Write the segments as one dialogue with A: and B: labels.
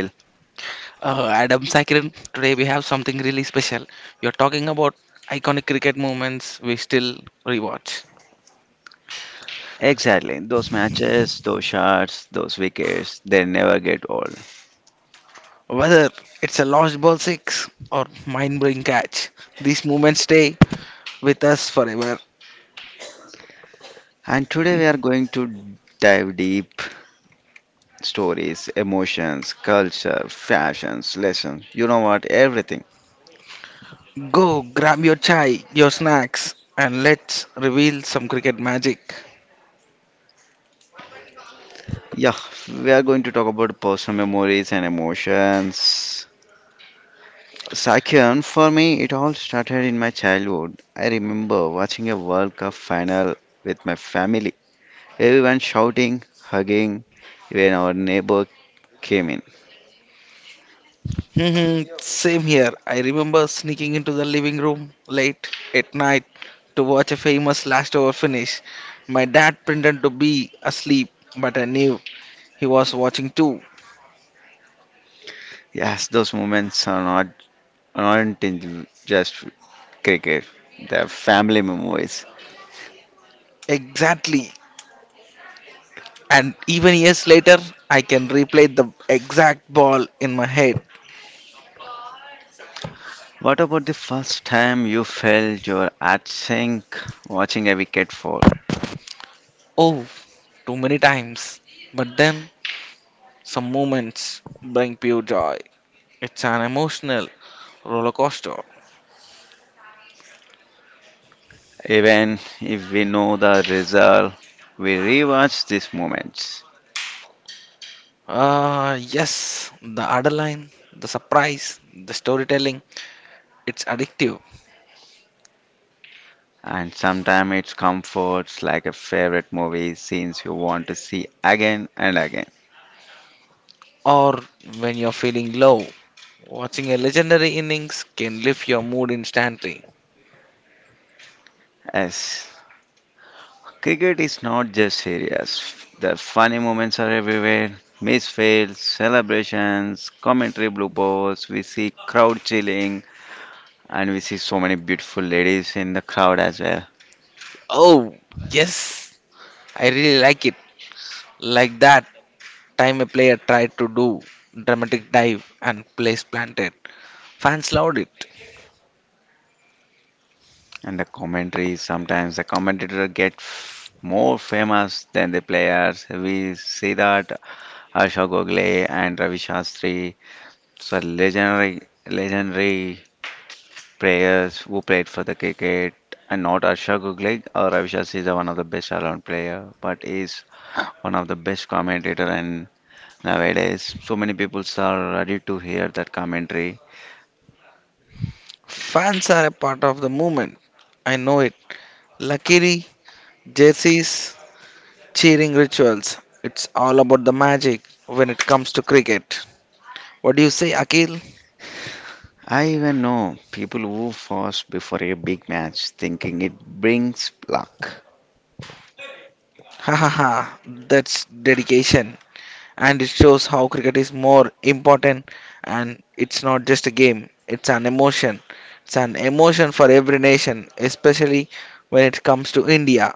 A: Adam Sakirin, today we have something really special. You're talking about iconic cricket moments we still rewatch.
B: Exactly, those matches, those shots, those wickets, they never get old.
A: Whether it's a lost ball six or mind blowing catch, these moments stay with us forever.
B: And today we are going to dive deep stories, emotions, culture, fashions, lessons, everything.
A: Go grab your chai, your snacks, and let's reveal some cricket magic.
B: Yeah, we are going to talk about personal memories and emotions. Sakyan, for me, it all started in my childhood. I remember watching a World Cup final with my family. Everyone shouting, hugging when our neighbor came in.
A: Mhm. Same here. I remember sneaking into the living room late at night to watch a famous last over finish. My dad pretended to be asleep, but I knew he was watching too.
B: Yes, those moments are not aren't in just cricket. They're family memories.
A: Exactly. And even years later, I can replay the exact ball in my head.
B: What about the first time you felt you were at sync watching a wicket fall?
A: Oh, too many times. But then, some moments bring pure joy. It's an emotional roller coaster.
B: Even if we know the result, we rewatch these moments.
A: Yes, the adrenaline, the surprise, the storytelling, it's addictive.
B: And sometimes it's comforts like a favorite movie scenes you want to see again and again.
A: Or when you're feeling low, watching a legendary innings can lift your mood instantly.
B: Yes, cricket is not just serious. The funny moments are everywhere. Miss fails, celebrations, commentary bloopers, we see crowd chilling, and we see so many beautiful ladies in the crowd as well.
A: Oh, yes, I really like it. Like that time a player tried to do dramatic dive and place planted. Fans loved it.
B: And the commentary, sometimes the commentator more famous than the players. We see that Asha Gokhale and Ravi Shastri, so legendary legendary players who played for the cricket, and not Arsha Guglick or Avishas is one of the best all-round player, but is one of the best commentator, and nowadays so many people are ready to hear that commentary.
A: Fans are a part of the movement. I know it. Luckily, jerseys cheering rituals. It's all about the magic when it comes to cricket. What do you say, Akil?
B: I even know people who fast before a big match thinking it brings luck.
A: Ha ha ha, that's dedication. And it shows how cricket is more important, and it's not just a game, it's an emotion. It's an emotion for every nation, especially when it comes to India.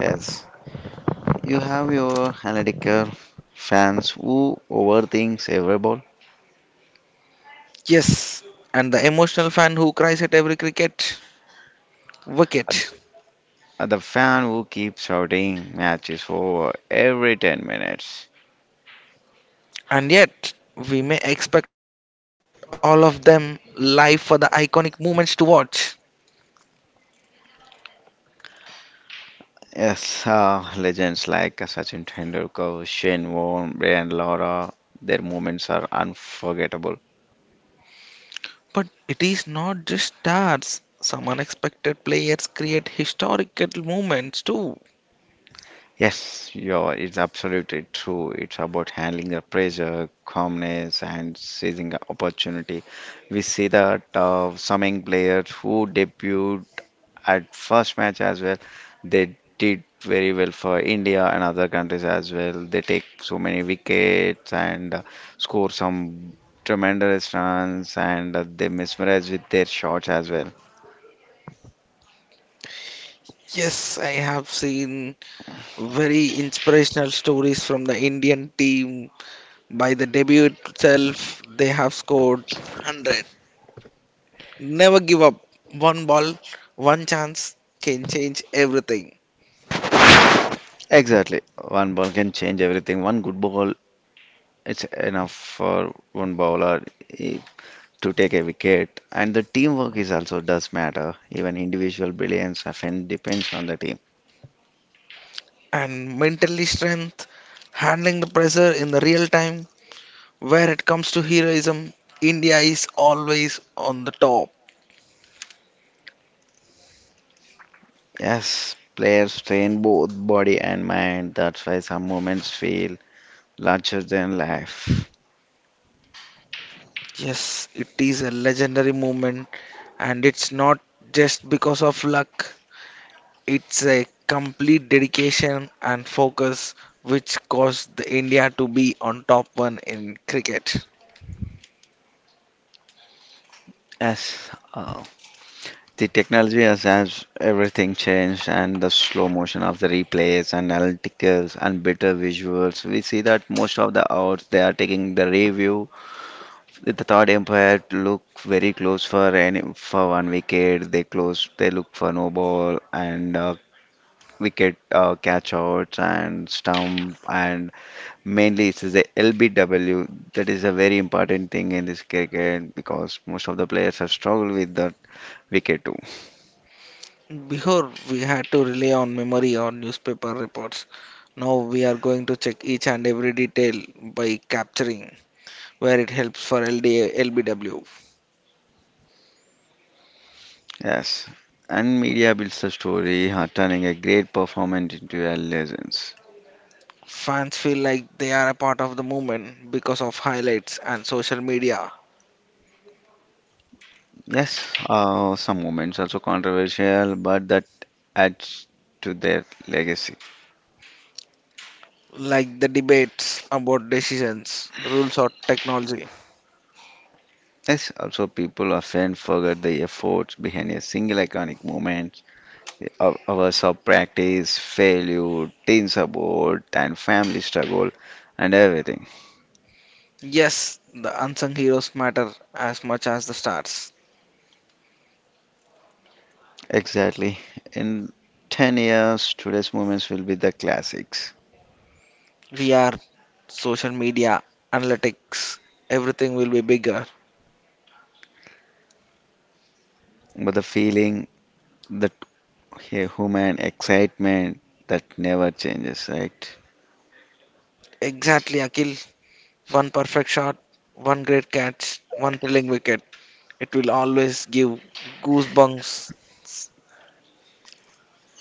B: Yes, you have your analytical fans who overthinks every ball.
A: Yes, and the emotional fan who cries at every cricket wicket.
B: The fan who keeps shouting match is over every 10 minutes.
A: And yet, we may expect all of them live for the iconic moments to watch.
B: Yes, legends like Sachin Tendulkar, Shane Warne, Brian Lara, their moments are unforgettable.
A: But it is not just stars. Some unexpected players create historical moments too.
B: Yes, you're, it's absolutely true. It's about handling the pressure, calmness, and seizing the opportunity. We see that some young players who debuted at first match as well. They did very well for India and other countries as well. They take so many wickets and score some tremendous runs, and they mesmerize with their shots as well.
A: Yes, I have seen very inspirational stories from the Indian team. By the debut itself, they have scored 100. Never give up. One ball, one chance can change everything.
B: Exactly. One ball can change everything. One good ball, it's enough for one bowler eh, to take a wicket. And the teamwork is also does matter. Even individual brilliance often depends on the team.
A: And mentally strength, handling the pressure in the real time, where it comes to heroism, India is always on the top.
B: Yes, players strain both body and mind. That's why some moments feel larger than life.
A: Yes, it is a legendary moment, and it's not just because of luck, it's a complete dedication and focus which caused the India to be on top one in cricket.
B: Yes, the technology has everything changed, and the slow motion of the replays and analyticals and better visuals. We see that most of the outs they are taking the review. The third umpire to look very close for any for one wicket. They close. They look for no ball and wicket catch outs and stump and mainly, it's the LBW that is a very important thing in this cricket because most of the players have struggled with that wicket too.
A: Before we had to rely on memory or newspaper reports. Now we are going to check each and every detail by capturing where it helps for LDA, LBW.
B: Yes, and media builds the story, turning a great performance into a legend.
A: Fans feel like they are a part of the movement because of highlights and social media.
B: Yes, some moments also controversial, but that adds to their legacy.
A: Like the debates about decisions, rules, or technology.
B: Yes, also people often forget the efforts behind a single iconic moment. Our hours of practice, failure, teen support, and family struggle, and everything.
A: Yes, the unsung heroes matter as much as the stars.
B: Exactly. In 10 years, today's moments will be the classics.
A: VR, social media, analytics, everything will be bigger.
B: But the feeling, the human excitement, that never changes, right?
A: Exactly, Akil. One perfect shot, one great catch, one thrilling wicket. It will always give goosebumps.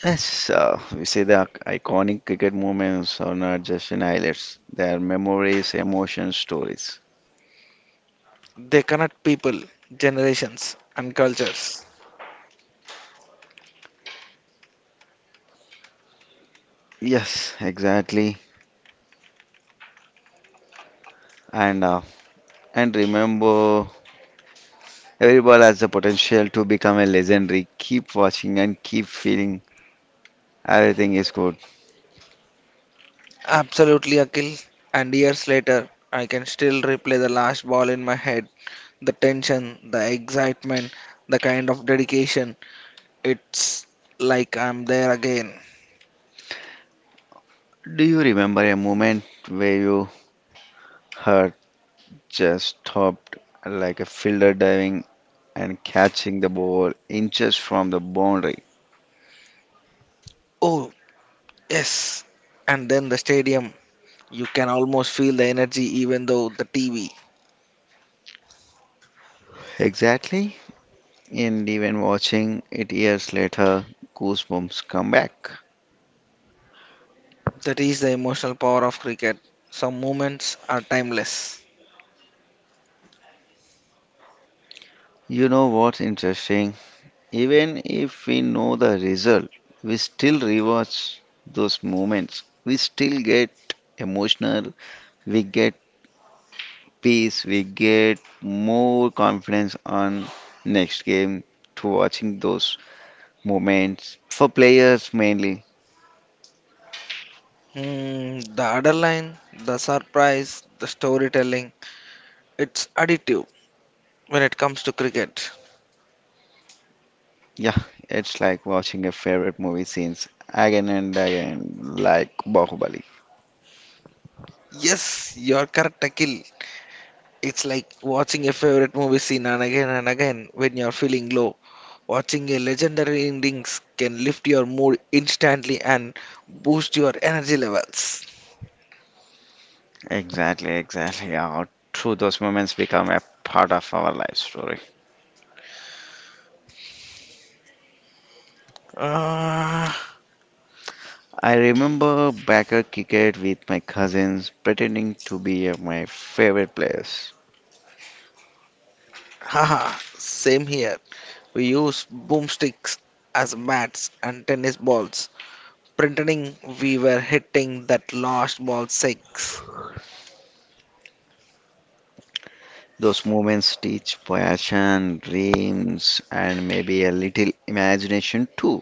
B: Yes, we say the iconic cricket moments are not just in highlights. They are memories, emotions, stories.
A: They connect people, generations, and cultures.
B: Yes, exactly. And remember, every ball has the potential to become a legendary. Keep watching and keep feeling everything is good.
A: Absolutely, Akil. And years later, I can still replay the last ball in my head. The tension, the excitement, the kind of dedication. It's like I'm there again.
B: Do you remember a moment where you heart just stopped, like a fielder diving and catching the ball inches from the boundary?
A: Oh, yes. And then the stadium. You can almost feel the energy even though the TV.
B: Exactly. And even watching it years later, goosebumps come back.
A: That is the emotional power of cricket. Some moments are timeless.
B: You know what's interesting? Even if we know the result, we still rewatch those moments. We still get emotional. We get peace, we get more confidence on next game through watching those moments. For players mainly,
A: Hmm, the underline, the surprise, the storytelling. It's additive when it comes to cricket.
B: yeah, it's like watching a favorite movie scenes again and again, like Bahubali.
A: Yes, you're correct, Akil. It's like watching a favorite movie scene and again when you're feeling low. Watching a legendary innings can lift your mood instantly and boost your energy levels.
B: Exactly, exactly. Yeah, through those moments become a part of our life story.
A: Uh,
B: I remember backer cricket with my cousins, pretending to be my favorite players.
A: haha, same here. We use boomsticks as bats and tennis balls, pretending we were hitting that lost ball six.
B: Those moments teach passion, dreams, and maybe a little imagination too.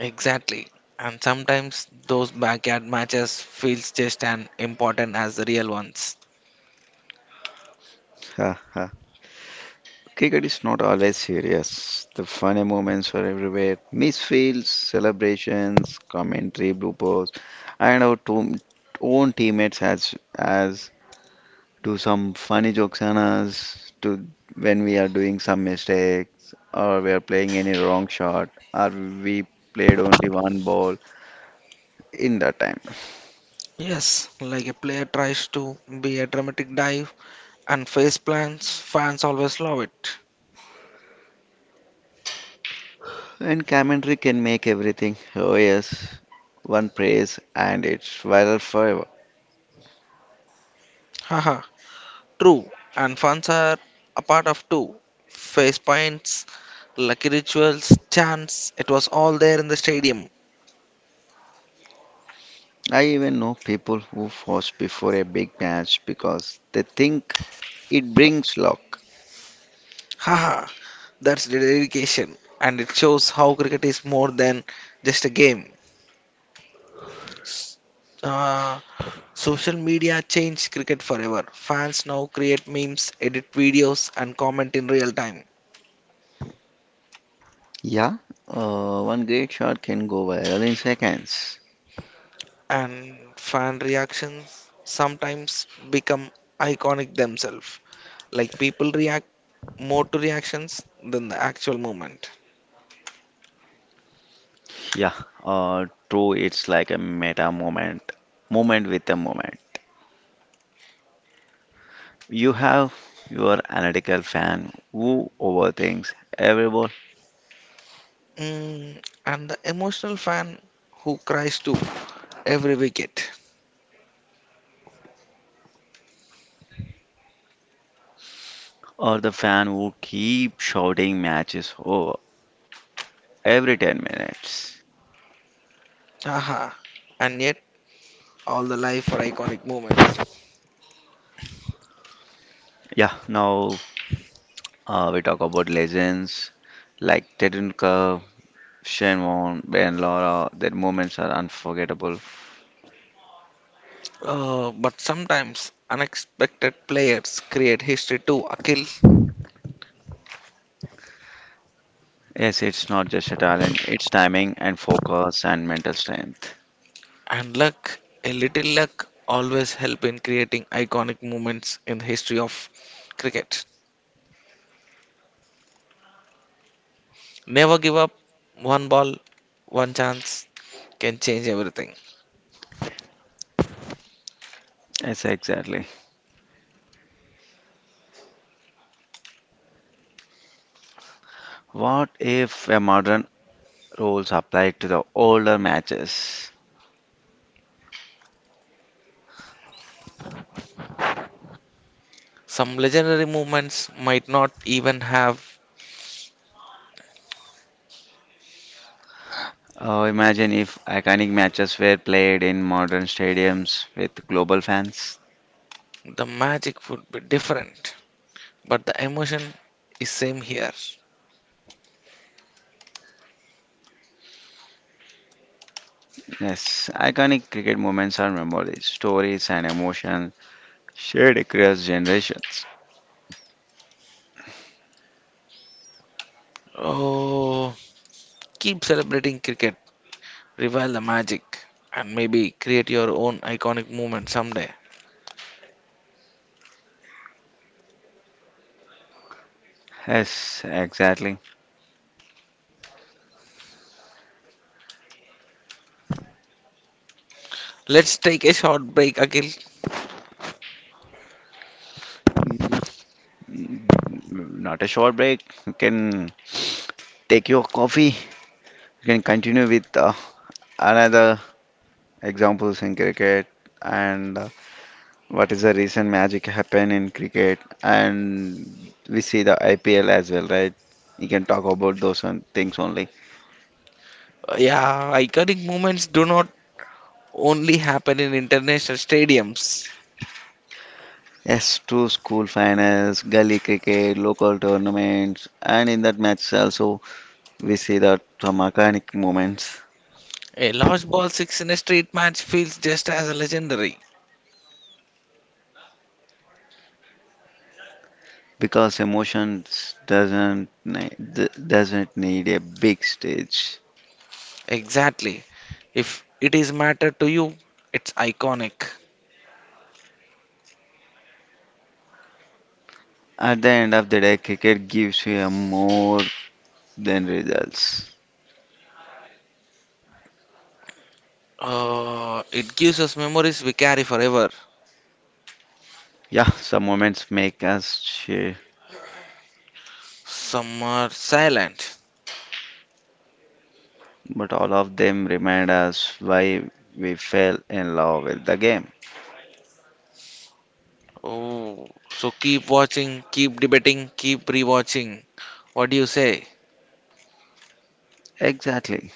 A: Exactly. And sometimes those backyard matches feels just as important as the real ones.
B: Ha ha. Cricket is not always serious. The funny moments are everywhere. Misfields, celebrations, commentary, bloopers, and our own teammates as do some funny jokes on us to when we are doing some mistakes or we are playing any wrong shot or we played only one ball in that time.
A: Yes, like a player tries to be a dramatic dive and face plants, fans always love it.
B: And commentary can make everything. Oh yes, one praise and it's viral forever.
A: Haha, true. And fans are a part of too. Face paints, lucky rituals, chants, it was all there in the stadium.
B: I even know people who fast before a big match because they think it brings luck.
A: Haha, that's the dedication. And it shows how cricket is more than just a game. Uh, Social media changed cricket forever. Fans now create memes, edit videos, and comment in real time.
B: Yeah, one great shot can go viral in seconds.
A: And fan reactions sometimes become iconic themselves. Like people react more to reactions than the actual movement.
B: Yeah, true. It's like a meta moment, moment with a moment. You have your analytical fan who overthinks every ball,
A: Mm, and the emotional fan who cries to every wicket.
B: or the fan who keeps shouting matches over every 10 minutes.
A: Aha. And yet, all the life for iconic moments.
B: Yeah, now we talk about legends like Tedunka, Shenwan, Ben Laura. Their moments are unforgettable.
A: But sometimes unexpected players create history too, Akhil.
B: Yes, it's not just a talent, it's timing and focus and mental strength.
A: And luck, a little luck, always help in creating iconic moments in the history of cricket. Never give up. One ball, one chance can change everything.
B: Yes, exactly. What if a modern rules applied to the older matches?
A: Some legendary movements might not even have
B: Imagine if iconic matches were played in modern stadiums with global fans.
A: the magic would be different, but the emotion is same here.
B: Yes, iconic cricket moments are memories, stories, and emotions. Shared across generations.
A: Oh, keep celebrating cricket, revive the magic, and maybe create your own iconic movement someday.
B: Yes, exactly.
A: Let's take a short break, Akhil.
B: Yeah. Mm, not a short break. You can take your coffee. You can continue with another examples in cricket, and what is the recent magic happen in cricket, and we see the IPL as well, right? You can talk about those on things only.
A: Yeah, iconic movements do not only happen in international stadiums.
B: Yes, true school finals, gully cricket, local tournaments, and in that match also we see that some iconic moments,
A: A lost ball six in a street match feels just as legendary.
B: because emotions doesn't ne- d- doesn't need a big stage.
A: Exactly. If it is matter to you, it's iconic.
B: At the end of the day, cricket gives you a more than results.
A: It gives us memories we carry forever.
B: Yeah, some moments make us cheer,
A: Some are silent.
B: but all of them remind us why we fell in love with the game.
A: Oh, so keep watching, keep debating, keep rewatching. What do you say?
B: Exactly.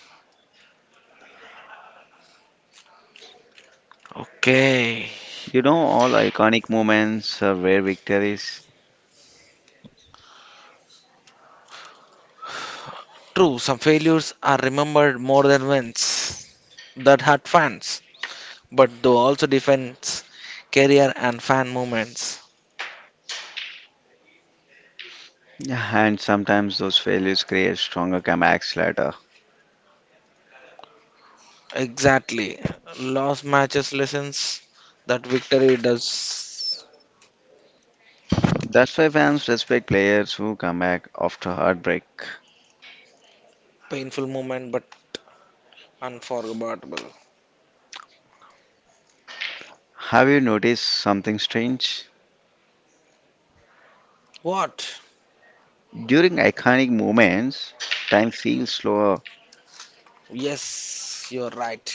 A: Okay.
B: You know, all iconic moments are rare victories,
A: True, some failures are remembered more than wins. That hurt fans, but though also defends career and fan moments.
B: yeah, and sometimes those failures create stronger comebacks later.
A: Exactly. Lost matches lessons that victory does
B: That's why fans respect players who come back after heartbreak.
A: painful moment but unforgettable.
B: Have you noticed something strange?
A: What?
B: During iconic moments, time feels slower.
A: Yes, you're right.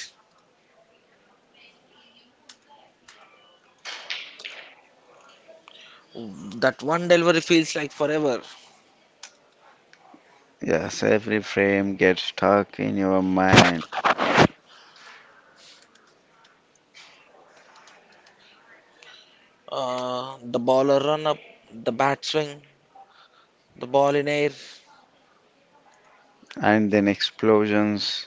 A: That one delivery feels like forever.
B: Yes, every frame gets stuck in your mind,
A: The baller run up, the bat swing, the ball in air.
B: and then explosions.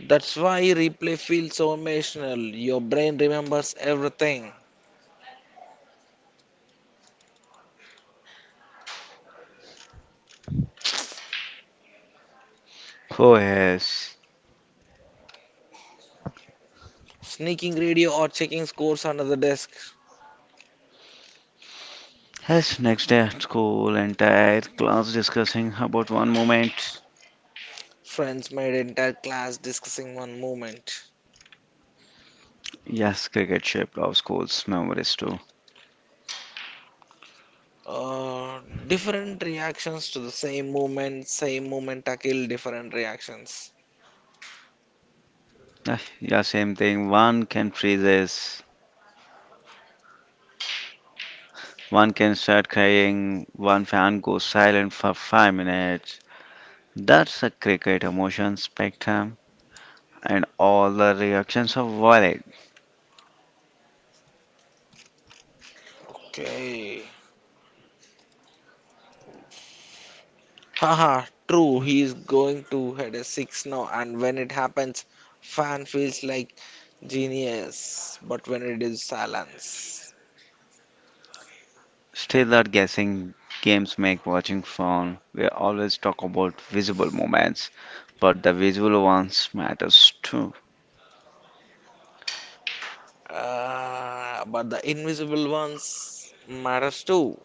A: That's why replay feels so emotional. Your brain remembers everything.
B: Oh yes.
A: Sneaking radio or checking scores under the desk.
B: Yes, next day at school, entire class discussing about one moment.
A: Friends made entire class discussing one moment.
B: Yes, cricket shaped our school's memories too.
A: Uh, Different reactions to the same moment tackle, different reactions.
B: Ah, yeah, same thing. One can freeze. One can start crying, one fan goes silent for 5 minutes. That's a cricket emotion spectrum, and all the reactions are valid.
A: Okay. Haha, true. He is going to head a six now, and when it happens, fan feels like genius. But when it is silence,
B: Still, are guessing games make watching fun. We always talk about visible moments, but the visual ones matters too.
A: but the invisible ones matters too.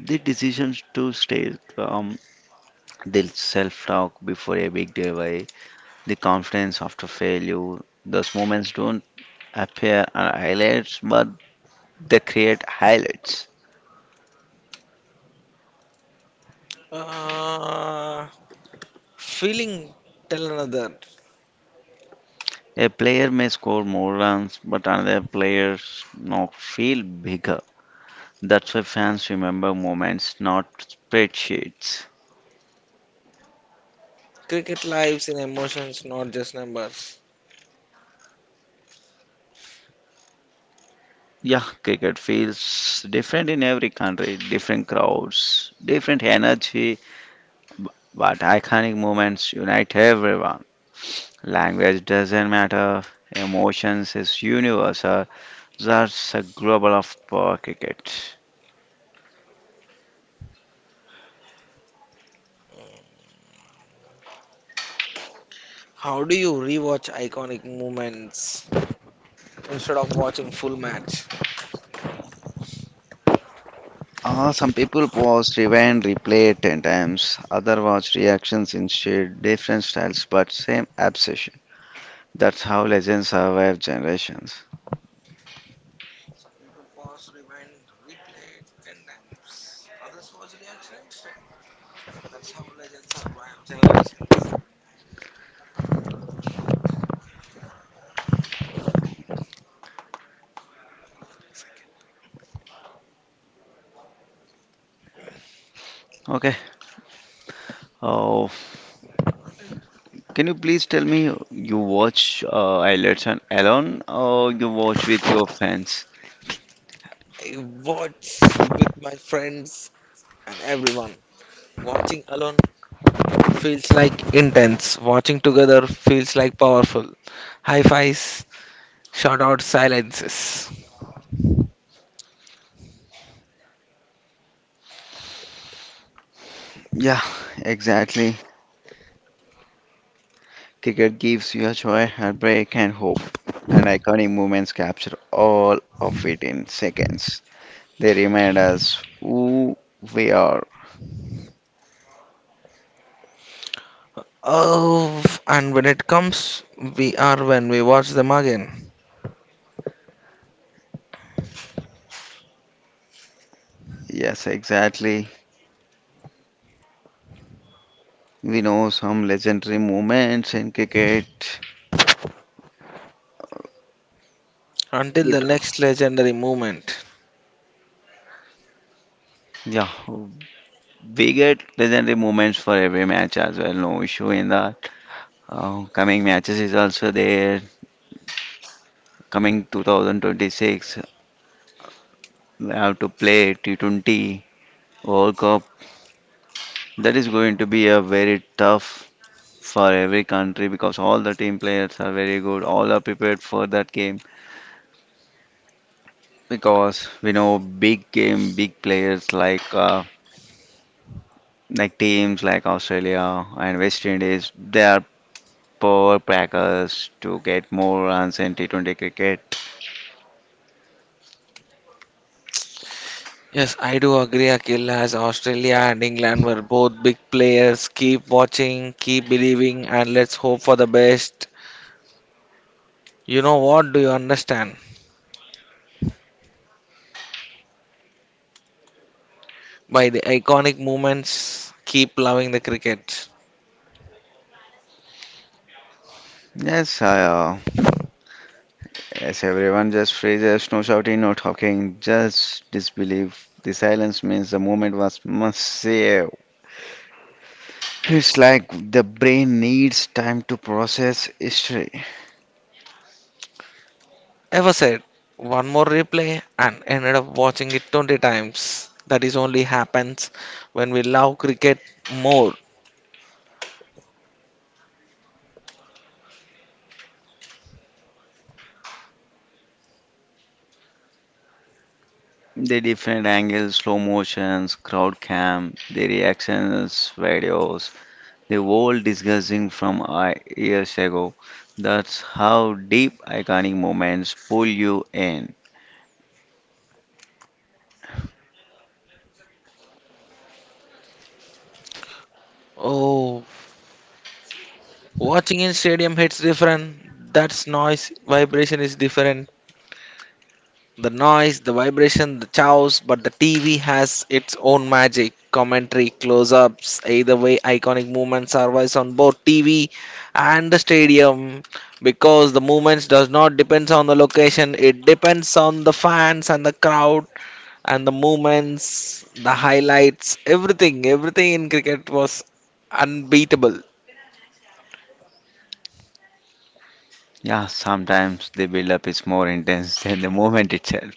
B: The decisions to stay calm, the self-talk before a big delay, the confidence after failure. Those moments don't appear as highlights, but they create highlights.
A: Uh, Feeling tell another.
B: A player may score more runs, but another player's knock feel bigger. That's why fans remember moments, not spreadsheets.
A: Cricket lives in emotions, not just numbers.
B: Yeah, cricket feels different in every country, different crowds, different energy, b- but iconic moments unite everyone. Language doesn't matter, emotions is universal. That's a global of cricket.
A: How do you rewatch iconic moments instead of watching full match?
B: Some people pause, rewind, replay it 10 times. Other watch reactions instead, different styles but same obsession. That's how legends survive generations.
A: People paused, rewind, replayed, 10 times. Others watched reaction instant. That's how legends are by generation.
B: Okay. Oh, can you please tell me you watch highlights and alone, or you watch with your fans?
A: I watch with my friends and everyone. Watching alone feels like intense. Watching together feels like powerful. High fives, shout out silences.
B: Yeah, exactly. Cricket gives you a joy, heartbreak, and hope, and iconic moments capture all of it in seconds. They remind us who we are.
A: Oh, and when it comes, we are when we watch them again.
B: Yes, exactly. We know some legendary moments in cricket.
A: Until the
B: It,
A: next legendary moment.
B: yeah, we get legendary moments for every match as well. No issue in that. Coming matches is also there. Coming 2026, we have to play T20 World Cup. That is going to be a very tough for every country because all the team players are very good. All are prepared for that game because we know big game, big players like like teams like Australia and West Indies, they are power packers to get more runs in T20 cricket.
A: Yes, I do agree, Akhil, as Australia and England were both big players. Keep watching, keep believing, and let's hope for the best. You know what do you understand? By the iconic moments, keep loving the cricket.
B: Yes, yes, everyone just freezes, no shouting, no talking, just disbelief. The silence means the moment was massive. It's like the brain needs time to process history.
A: Ever said, one more replay and ended up watching it 20 times. That is only happens when we love cricket more.
B: The different angles, slow motions, crowd cam, the reactions, videos, the world discussing from years ago. That's how deep iconic moments pull you in.
A: Oh, watching in stadium hits different. That's noise, vibration is different. The noise, the vibration, the chows, but the TV has its own magic. Commentary, close ups, either way, iconic movements survives on both TV and the stadium because the movements does not depends on the location, it depends on the fans and the crowd and the movements, the highlights, everything. Everything in cricket was unbeatable.
B: Yeah, sometimes the build-up is more intense than the moment itself.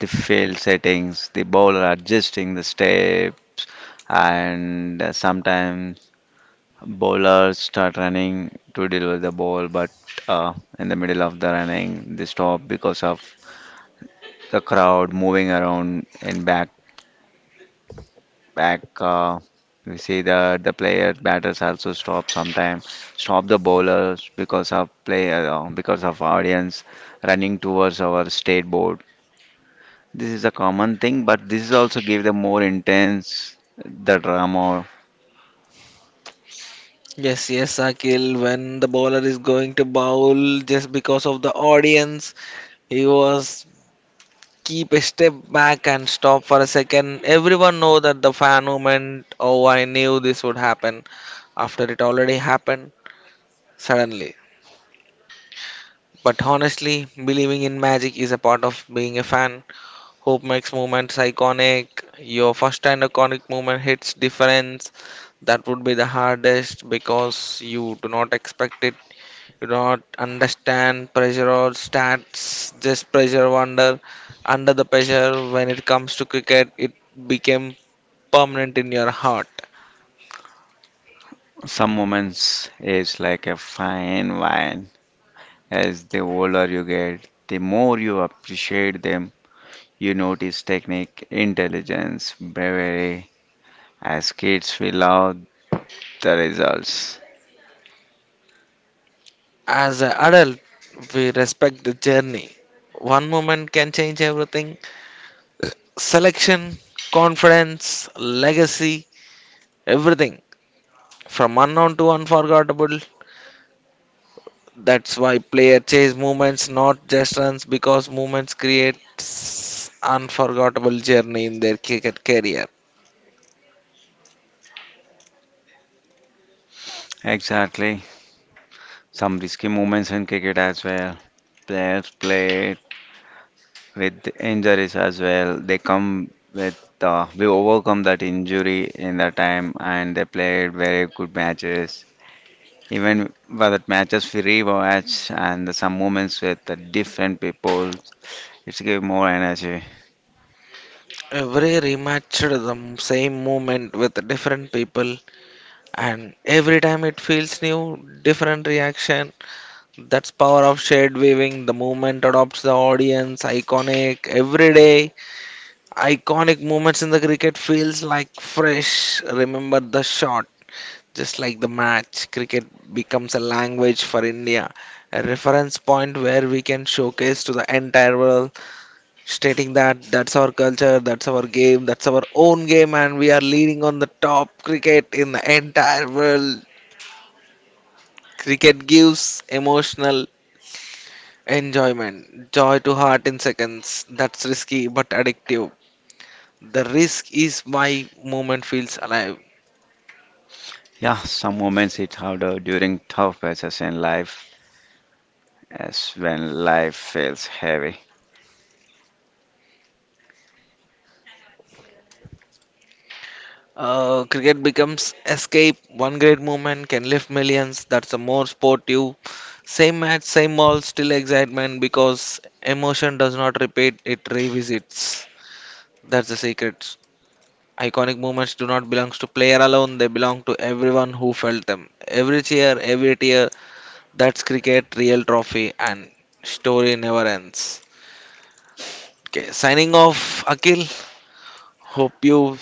B: The fail settings, the bowler adjusting the steps, and sometimes bowlers start running to deliver the ball, but in the middle of the running, they stop because of the crowd moving around in back. We see that the player batters also stop sometime, stop the bowlers because of player because of audience running towards our state board. This is a common thing, but this is also give the more intense the drama.
A: Yes, yes, Akil, when the bowler is going to bowl just because of the audience, he was keep a step back and stop for a second. Everyone know that the fan movement, oh I knew this would happen after it already happened suddenly. But honestly, believing in magic is a part of being a fan. Hope makes moments iconic. Your first and iconic moment hits difference. That would be the hardest because you do not expect it you don't understand pressure or stats, just pressure wonder. Under the pressure, when it comes to cricket, it became permanent in your heart.
B: Some moments is like a fine wine. As the older you get, the more you appreciate them. You notice technique, intelligence, bravery. As kids, we love the results.
A: As an adult, we respect the journey. One moment can change everything selection, confidence, legacy, everything from unknown to unforgettable. That's why player chase movements, not just runs, because movements creates unforgettable journey in their cricket career.
B: Exactly. Some risky moments in cricket as well. Players play with injuries as well. They come with we overcome that injury in the time and they played very good matches. Even for that matches we rewatch and some moments with the different people, it's give more energy.
A: Every rematch, the same movement with different people, and every time it feels new, different reaction. That's power of shade weaving. The movement adopts the audience. Iconic every day. Iconic moments in the cricket feels like fresh. Remember the shot, just like the match. Cricket becomes a language for India, a reference point where we can showcase to the entire world stating that that's our culture, that's our game, that's our own game, and we are leading on the top cricket in the entire world. Cricket gives emotional enjoyment, joy to heart in seconds. That's risky but addictive. The risk is why movement feels alive.
B: Yeah, some moments it's harder during tough patches in life as when life feels heavy.
A: Cricket becomes escape. One great movement can lift millions. That's a more sportive. Same match, same ball, still excitement because emotion does not repeat, it revisits. That's the secret. Iconic moments do not belong to player alone, they belong to everyone who felt them. Every cheer, every tear, that's cricket, real trophy, and story never ends. Okay, signing off, Akhil. Hope you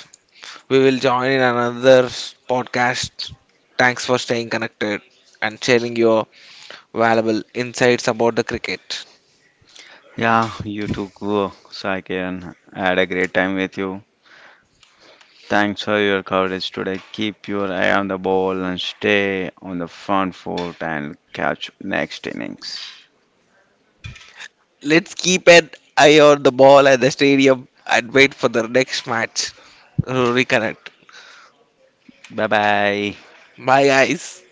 A: we will join in another podcast. Thanks for staying connected and sharing your valuable insights about the cricket.
B: Yeah, you too, go, so I can had a great time with you. Thanks for your coverage today. Keep your eye on the ball and stay on the front foot and catch next innings.
A: Let's keep an eye on the ball at the stadium and wait for the next match. Reconnect.
B: Bye bye.
A: Bye, guys.